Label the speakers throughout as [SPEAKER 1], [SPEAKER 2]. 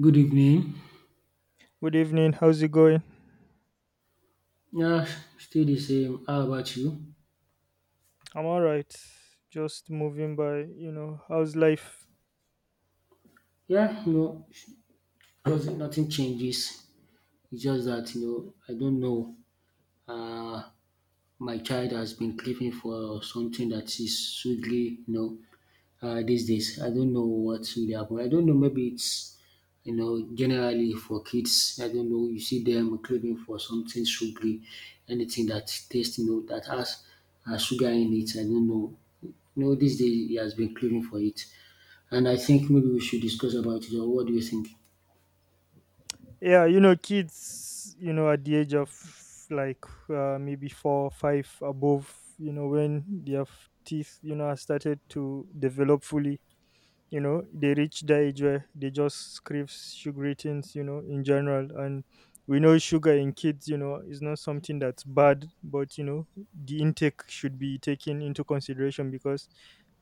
[SPEAKER 1] Good evening.
[SPEAKER 2] Good evening. How's it going?
[SPEAKER 1] Yeah, still the same. How about you?
[SPEAKER 2] I'm all right. Just moving by, how's life?
[SPEAKER 1] Yeah, no, nothing changes. It's just that you know, I don't know. Uh, my child has been craving for something that is sweetly, you know, these days. I don't know what's really happened. I don't know. Maybe it's you know, generally for kids, I don't know, you see them craving for something sugary, anything that tastes, you know, that has sugar in it. I don't know. You know, these days he has been craving for it. And I think maybe we should discuss about it. Or what do you think?
[SPEAKER 2] Yeah, kids, at the age of like maybe four, five above, when their teeth, are started to develop fully. They reach the age where they just crave sugary things in general. And we know sugar in kids is not something that's bad, but the intake should be taken into consideration, because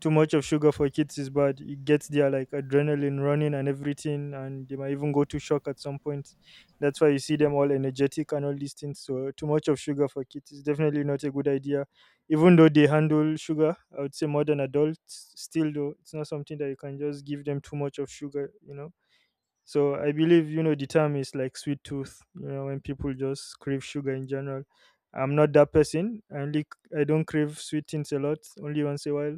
[SPEAKER 2] too much of sugar for kids is bad. It gets their like adrenaline running and everything, and they might even go to shock at some point. That's why you see them all energetic and all these things. So too much of sugar for kids is definitely not a good idea, even though they handle sugar. I would say more than adults. Still though, it's not something that you can just give them too much of sugar, you know So I believe the term is like sweet tooth, when people just crave sugar in general. I'm not that person. I don't crave sweet things a lot, only once in a while.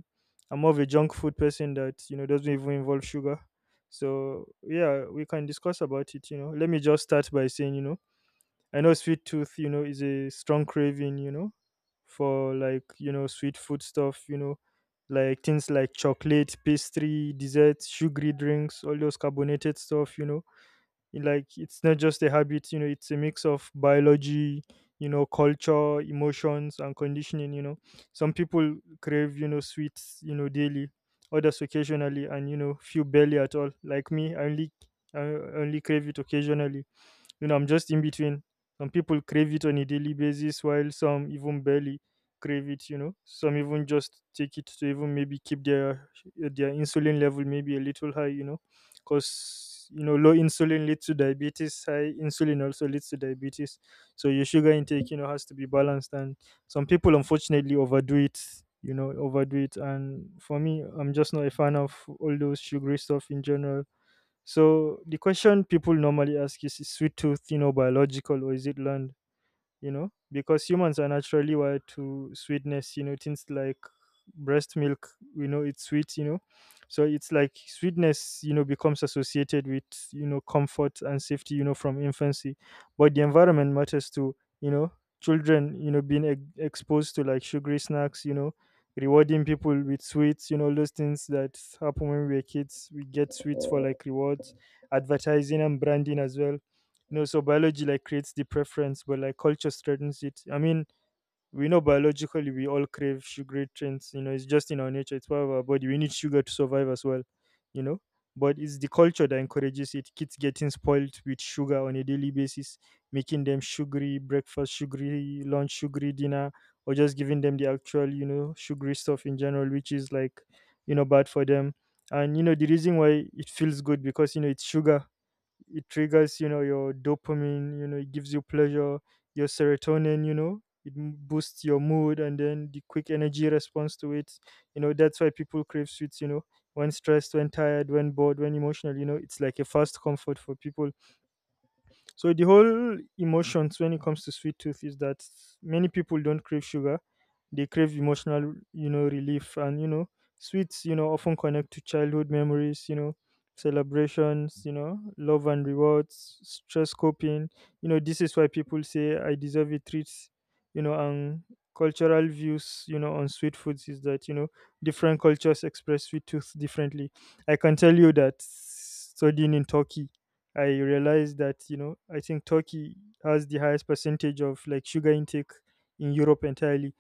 [SPEAKER 2] I'm more of a junk food person that doesn't even involve sugar. So yeah, we can discuss about it. Let me just start by saying. I know sweet tooth is a strong craving for like sweet food stuff like things like chocolate, pastry, desserts, sugary drinks, all those carbonated stuff. Like, it's not just a habit it's a mix of biology culture, emotions, and conditioning. Some people crave sweets daily, others occasionally, and few barely at all. Like me, I only crave it occasionally, you know, I'm just in between. Some people crave it on a daily basis, while some even barely crave it. Some even just take it to even maybe keep their insulin level maybe a little high. Because low insulin leads to diabetes, high insulin also leads to diabetes. So your sugar intake has to be balanced. And some people unfortunately overdo it. Overdo it. And for me, I'm just not a fan of all those sugary stuff in general. So the question people normally ask is sweet tooth biological, or is it learned? Because humans are naturally wired to sweetness. Things like breast milk, we know it's sweet, you know So it's like sweetness becomes associated with comfort and safety from infancy. But the environment matters too, you know Children, you know, being exposed to like sugary snacks, you know rewarding people with sweets, you know, all those things that happen when we were kids, we get sweets for like rewards. Advertising and branding as well, you know So biology like creates the preference, but like culture strengthens it, I mean, we know biologically we all crave sugary drinks, you know it's just in our nature, it's part of our body, we need sugar to survive as well, you know But it's the culture that encourages it. Kids getting spoiled with sugar on a daily basis, making them sugary breakfast, sugary lunch, sugary dinner, or just giving them the actual sugary stuff in general, which is like bad for them. And the reason why it feels good, because it's sugar. It triggers your dopamine, you know, it gives you pleasure. Your serotonin, you know, it boosts your mood, and then the quick energy response to it, That's why people crave sweets, you know when stressed, when tired, when bored, when emotional, you know it's like a fast comfort for people. So the whole emotions when it comes to sweet tooth is that many people don't crave sugar; they crave emotional, you know, relief. And sweets often connect to childhood memories celebrations love and rewards, stress coping. This is why people say, "I deserve a treat." And cultural views on sweet foods is that different cultures express sweet tooth differently. I can tell you that studying in Turkey, I realized that I think Turkey has the highest percentage of like sugar intake in Europe entirely.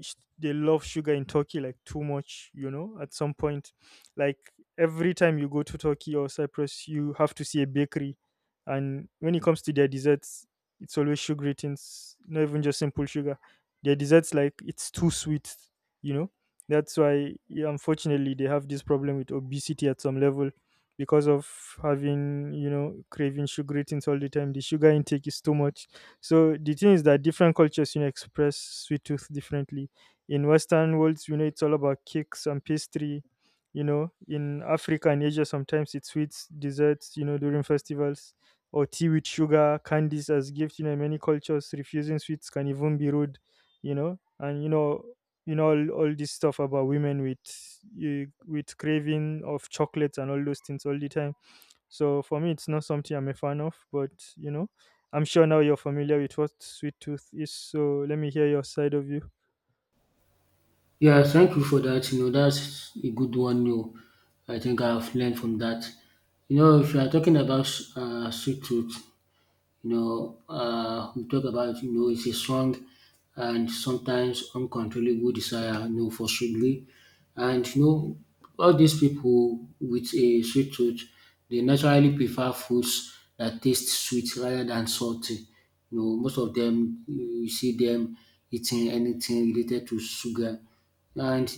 [SPEAKER 2] They love sugar in Turkey, like too much at some point. Like, every time you go to Turkey or Cyprus, you have to see a bakery. And when it comes to their desserts, it's always sugary things, not even just simple sugar. Their desserts, like, it's too sweet, you know. That's why, yeah, unfortunately they have this problem with obesity at some level, because of having, you know, craving sugary things all the time. The sugar intake is too much. So the thing is that different cultures express sweet tooth differently. In western worlds, you know, it's all about cakes and pastry. In Africa and Asia, sometimes it's sweets, desserts, you know, during festivals, or tea with sugar, candies as gifts, you know In many cultures, refusing sweets can even be rude, you know all this stuff about women with with craving of chocolates and all those things all the time. So for me, it's not something I'm a fan of, but, I'm sure now you're familiar with what sweet tooth is. So let me hear your side of you.
[SPEAKER 1] Yeah, thank you for that. You know, that's a good one. You, know. I think I've learned from that. You know, if you are talking about street food, you know, we talk about, you know, it's a strong and sometimes uncontrollable desire, you know, for sugary. And, you know, all these people with a sweet tooth, they naturally prefer foods that taste sweet rather than salty. You know, most of them, you see them eating anything related to sugar, and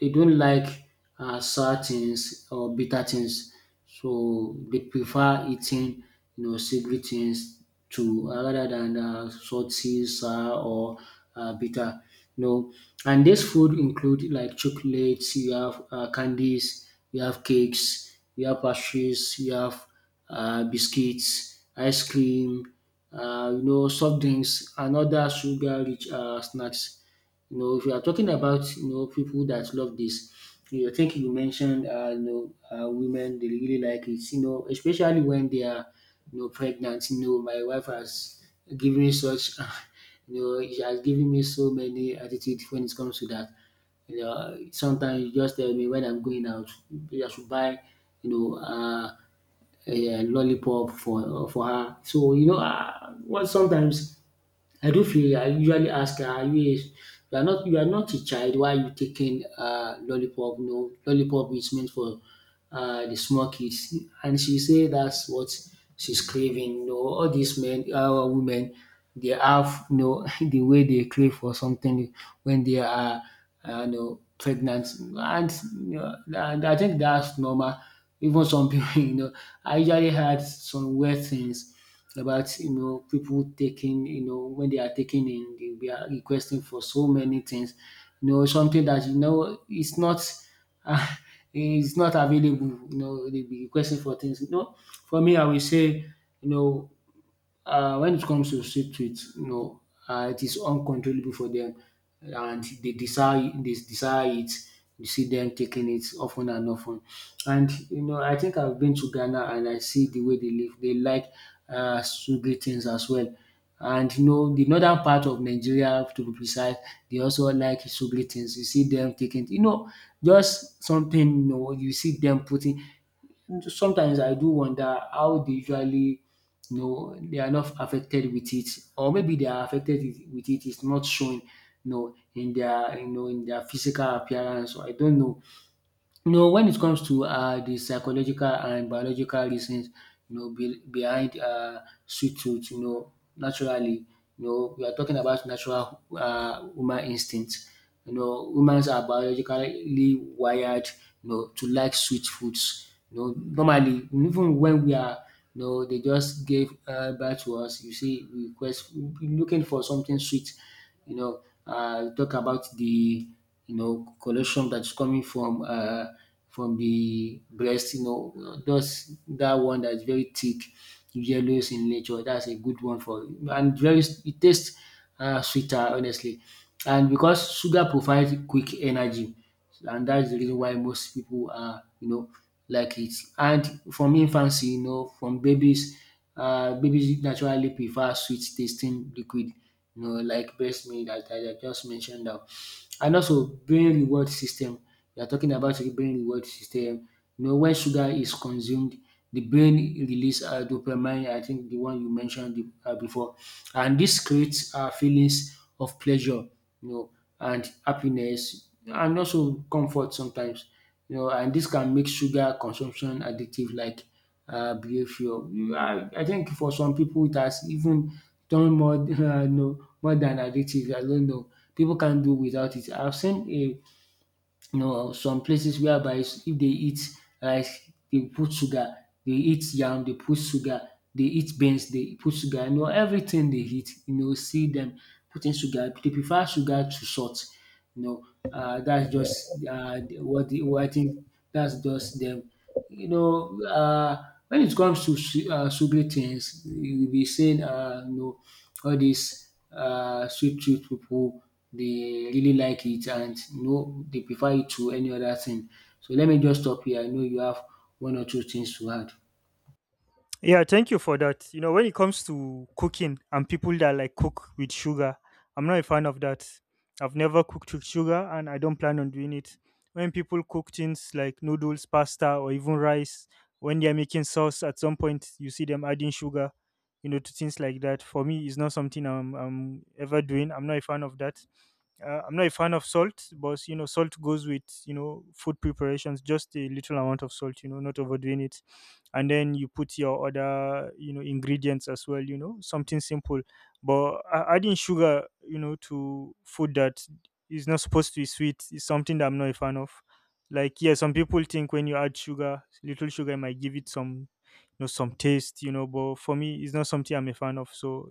[SPEAKER 1] they don't like sour things or bitter things. So they prefer eating, you know, savory things to rather than salty, sour or bitter. You know, and this food include like chocolates, you have candies, you have cakes, you have pastries, you have biscuits, ice cream, you know, soft drinks, and other sugar-rich snacks. You know, if you are talking about you know people that love this, you know, I think you mentioned you know women they really like it. You know, especially when they are you know pregnant. You know, my wife has given me such you know she has given me so many attitude when it comes to that. You know, sometimes you just tell me when I'm going out, I should buy, you know, a lollipop for her. So you know, what sometimes I do feel I usually ask her, are you a you are not a child, why are you taking lollipop? No, lollipop is meant for the small kids. And she say that's what she's craving. You know, all these men, women, they have you know the way they crave for something when they are you know pregnant. And you know, and I think that's normal. Even some people, you know, I usually had some weird things about you know people taking you know when they are taking in they are requesting for so many things you know something that you know it's not uh, it's not available you know they be requesting for things you know for me I will say you know when it comes to street tweets, you know, it is uncontrollable for them, and they desire it. You see them taking it often and often, and you know, I think I've been to Ghana and I see the way they live. They like sugary things as well. And you know, the northern part of Nigeria, to be precise, they also like sugary things. You see them taking, you know, just something, you know, you see them putting, sometimes I do wonder how they usually you know they are not affected with it, or maybe they are affected with it it's not shown you know in their you know in their physical appearance or I don't know. You know, when it comes to the psychological and biological reasons, you know, behind sweet tooth, you know, naturally, you know, we are talking about natural human instincts. You know, humans are biologically wired, you know, to like sweet foods. You know, normally, even when we are, you know, they just gave birth to us. You see, we request looking for something sweet. You know, talk about the you know, collection that's coming from the breast, you know, those that one that's very thick, yellows in nature. That's a good one for and very it tastes sweeter honestly, and because sugar provides quick energy, and that's the reason why most people are you know like it. And from infancy, you know, from babies, babies naturally prefer sweet tasting liquid. You know, like breast milk, as I just mentioned now. And also brain reward system, we are talking about the brain reward system. You know when sugar is consumed, the brain release dopamine, I think the one you mentioned before, and this creates feelings of pleasure, you know, and happiness and also comfort sometimes, you know, and this can make sugar consumption addictive like behaviour. I think for some people it has even turned more no more than addictive. I don't know. People can't do without it. I've seen a you know some places whereby if they eat rice they put sugar, they eat yam they put sugar, they eat beans they put sugar, you know everything they eat you know see them putting sugar. They prefer sugar to salt you know. That's just what the what I think that's just them you know, when it comes to sweet things, you'll be saying, you know, all these sweet tooth people, they really like it and you know they prefer it to any other thing. So let me just stop here. I know you have one or two things to add.
[SPEAKER 2] Yeah, thank you for that. When it comes to cooking and people that like cook with sugar, I'm not a fan of that. I've never cooked with sugar and I don't plan on doing it. When people cook things like noodles, pasta, or even rice, when they're making sauce, at some point you see them adding sugar to things like that. For me, it's not something I'm ever doing. I'm not a fan of that. I'm not a fan of salt, but salt goes with food preparations. Just a little amount of salt not overdoing it, and then you put your other ingredients as well. Something simple, but adding sugar to food that is not supposed to be sweet is something that I'm not a fan of. Like yeah, some people think when you add sugar, little sugar, it might give it some some taste but for me, it's not something I'm a fan of. So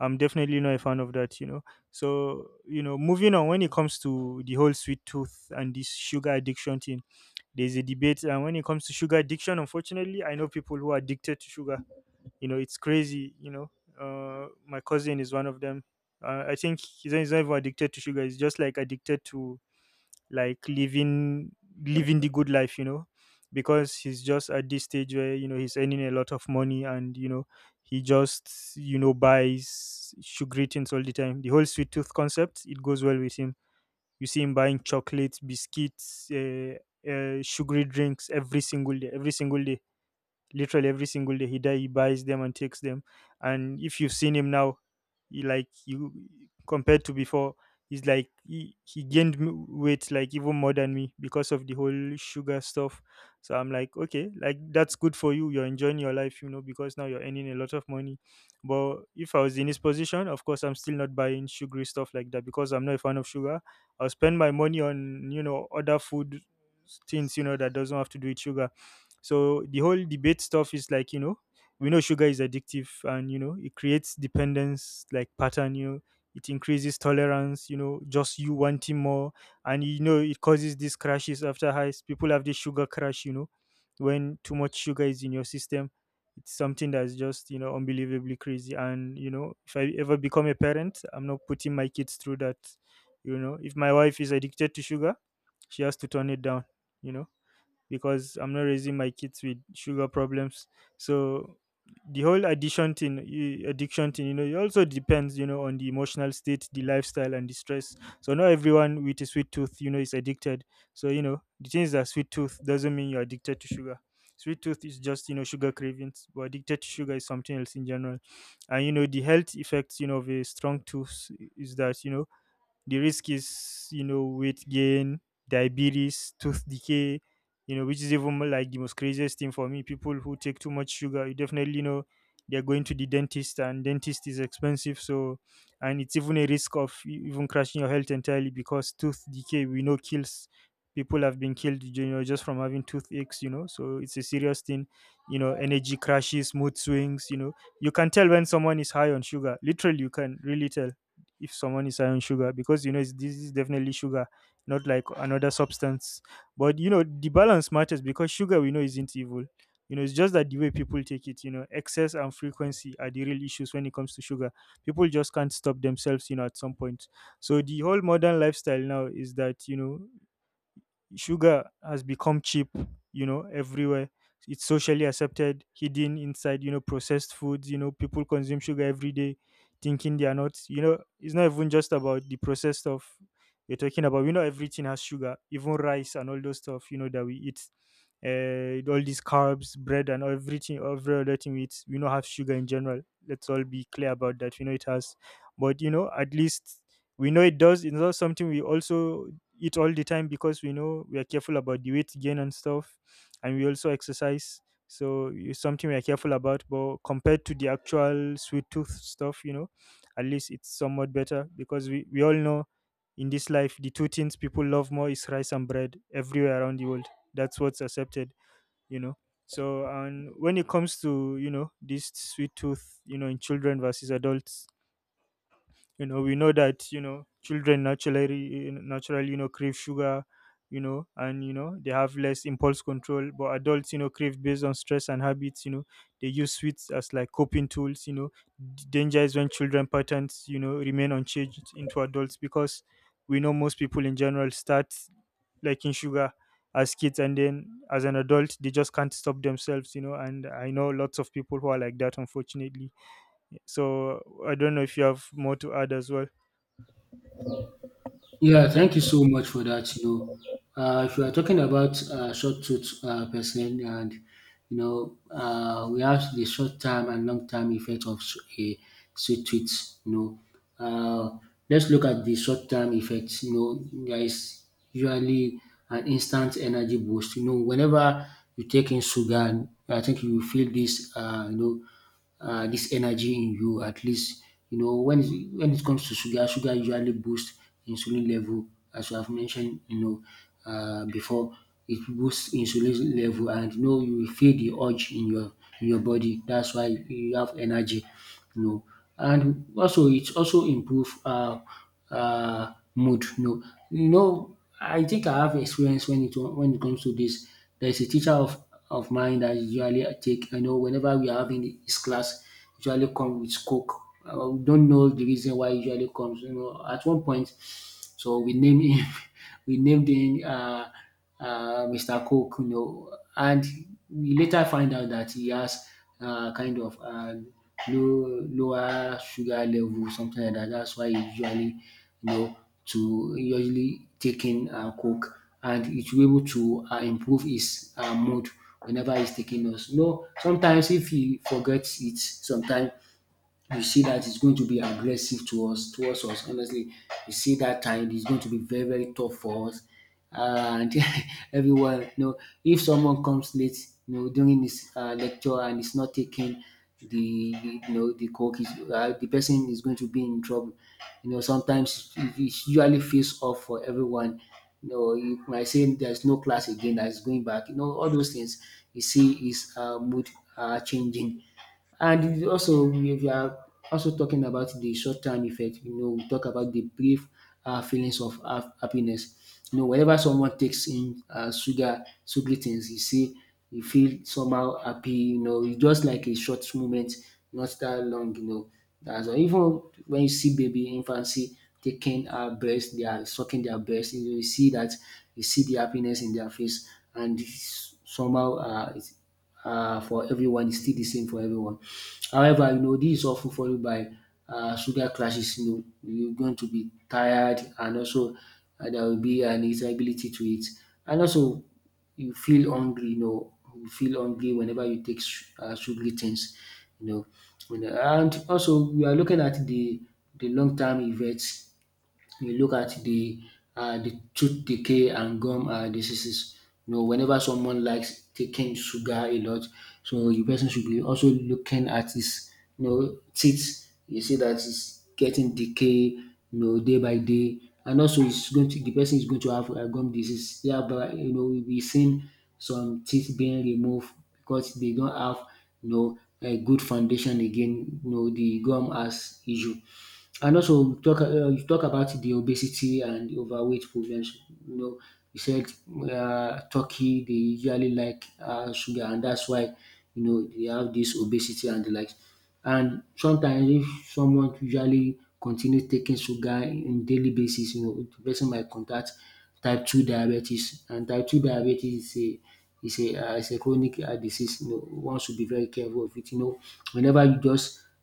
[SPEAKER 2] I'm definitely not a fan of that. So moving on, when it comes to the whole sweet tooth and this sugar addiction thing, there's a debate. And when it comes to sugar addiction, unfortunately I know people who are addicted to sugar. It's crazy. My cousin is one of them. I think he's not even addicted to sugar. He's just like addicted to like living the good life, you know because he's just at this stage where he's earning a lot of money, and he just buys sugary things all the time. The whole sweet tooth concept, it goes well with him. You see him buying chocolates, biscuits, sugary drinks, every single day, every single day, literally every single day. He buys them and takes them. And if you've seen him now, he, like, you— compared to before, he's like, he gained weight, like, even more than me because of the whole sugar stuff. So I'm like, okay, like, that's good for you, you're enjoying your life, you know because now you're earning a lot of money. But if I was in his position, of course I'm still not buying sugary stuff like that because I'm not a fan of sugar. I'll spend my money on other food things that doesn't have to do with sugar. So the whole debate stuff is like, we know sugar is addictive, and it creates dependence like pattern it increases tolerance just you wanting more. And it causes these crashes after highs. People have this sugar crash when too much sugar is in your system. It's something that's just unbelievably crazy. And if I ever become a parent, I'm not putting my kids through that. If my wife is addicted to sugar, she has to turn it down, you know because I'm not raising my kids with sugar problems. So the whole addiction thing, it also depends on the emotional state, the lifestyle, and the stress. So not everyone with a sweet tooth is addicted. So the thing is that sweet tooth doesn't mean you're addicted to sugar. Sweet tooth is just sugar cravings, but addicted to sugar is something else in general. And the health effects of a strong tooth is that the risk is weight gain, diabetes, tooth decay, which is even more like the most craziest thing for me. People who take too much sugar, you definitely know they're going to the dentist and dentist is expensive. So, and it's even a risk of even crashing your health entirely because tooth decay, we know, kills. People have been killed just from having toothaches. So it's a serious thing. Energy crashes, mood swings, you know. You can tell when someone is high on sugar. Literally, you can really tell food if someone is high on sugar because this is definitely sugar, not like another substance. But the balance matters because sugar, we know, isn't evil. It's just that the way people take it excess and frequency are the real issues when it comes to sugar. People just can't stop themselves at some point. So the whole modern lifestyle now is that sugar has become cheap everywhere. It's socially accepted, hidden inside processed foods. People consume sugar every day thinking they are not. It's not even just about the processed stuff you're talking about. Everything has sugar, even rice and all those stuff that we eat. All these carbs, bread, and everything, every other thing we eat, we know, have sugar in general. Let's all be clear about that. We know it has. But at least we know it does. It's not something we also eat all the time because we know we are careful about the weight gain and stuff, and we also exercise. So it's something we are careful about. But compared to the actual sweet tooth stuff at least it's somewhat better because we all know in this life the two things people love more is rice and bread everywhere around the world. That's what's accepted, you know. So and when it comes to this sweet tooth in children versus adults, we know that children naturally crave sugar. And they have less impulse control, but adults crave based on stress and habits. They use sweets as like coping tools. Danger is when children patterns remain unchanged into adults because we know most people in general start liking sugar as kids, and then as an adult they just can't stop themselves. And I know lots of people who are like that, unfortunately. So I don't know if you have more to add as well.
[SPEAKER 1] Yeah, thank you so much for that. You know, if you are talking about short tooth person, and you know, we have the short term and long term effect of a sweet tooth. You know, let's look at the short term effect. You know, there is usually an instant energy boost. You know, whenever you take in sugar, I think you feel this. You know, this energy in you at least you know when it comes to sugar sugar usually boosts insulin level as you have mentioned you know before, it boosts insulin level and you know you will feel the urge in your body that's why you have energy you know. And also it also improve mood you know. You know I think I have experience when it comes to this, there is a teacher of mine that usually I take. I know whenever we are having this class, usually come with Coke. I don't know the reason why he usually comes. You know, at one point, so we named him, we named him Mr. Coke. You know, and we later find out that he has kind of low lower sugar level, something like that. That's why he usually, you know to usually taking coke, and it will be able to improve his mood whenever he's taking those. No. Sometimes if he forgets it sometimes you see that it's going to be aggressive towards us. Honestly, you see that time it's going to be very, very tough for us. And everyone, you know, if someone comes late, you know, during this lecture and is not taking the you know the coke, the person is going to be in trouble. You know, sometimes it's usually face off for everyone. You know, you might say there's no class again that is going back. You know, all those things. You see is mood changing. And we you are also talking about the short-term effect, you know, we talk about the brief feelings of happiness. You know, whenever someone takes in sugar, sugary things, you see, you feel somehow happy. You know, it's just like a short moment, not that long. You know, that's all. Even when you see baby infancy taking a breast, they are sucking their breast. You, know, you see that, you see the happiness in their face, and it's somehow for everyone. It's still the same for everyone. However, you know, this is often followed by sugar clashes. You know, you're going to be tired, and also there will be an irritability to it, and also you feel hungry. You know, you feel hungry whenever you take sugary things. You know, and also we are looking at the long term effects. You look at the tooth decay and gum diseases. You know, whenever someone likes taking sugar a lot, so the person should be also looking at his you know teeth. You see that it's getting decay, you know, day by day, and also it's going to the person is going to have gum disease. Yeah, but you know we'll be seeing some teeth being removed because they don't have you know a good foundation again. You know the gum has issue. And also talk you talk about the obesity and overweight problems. You know, you said Turkey they usually like sugar, and that's why you know they have this obesity and the likes. And sometimes if someone usually continue taking sugar in daily basis, you know, the person might contact type two diabetes, and type two diabetes is a is a chronic disease. You know, one should be very careful of it. You know, whenever you just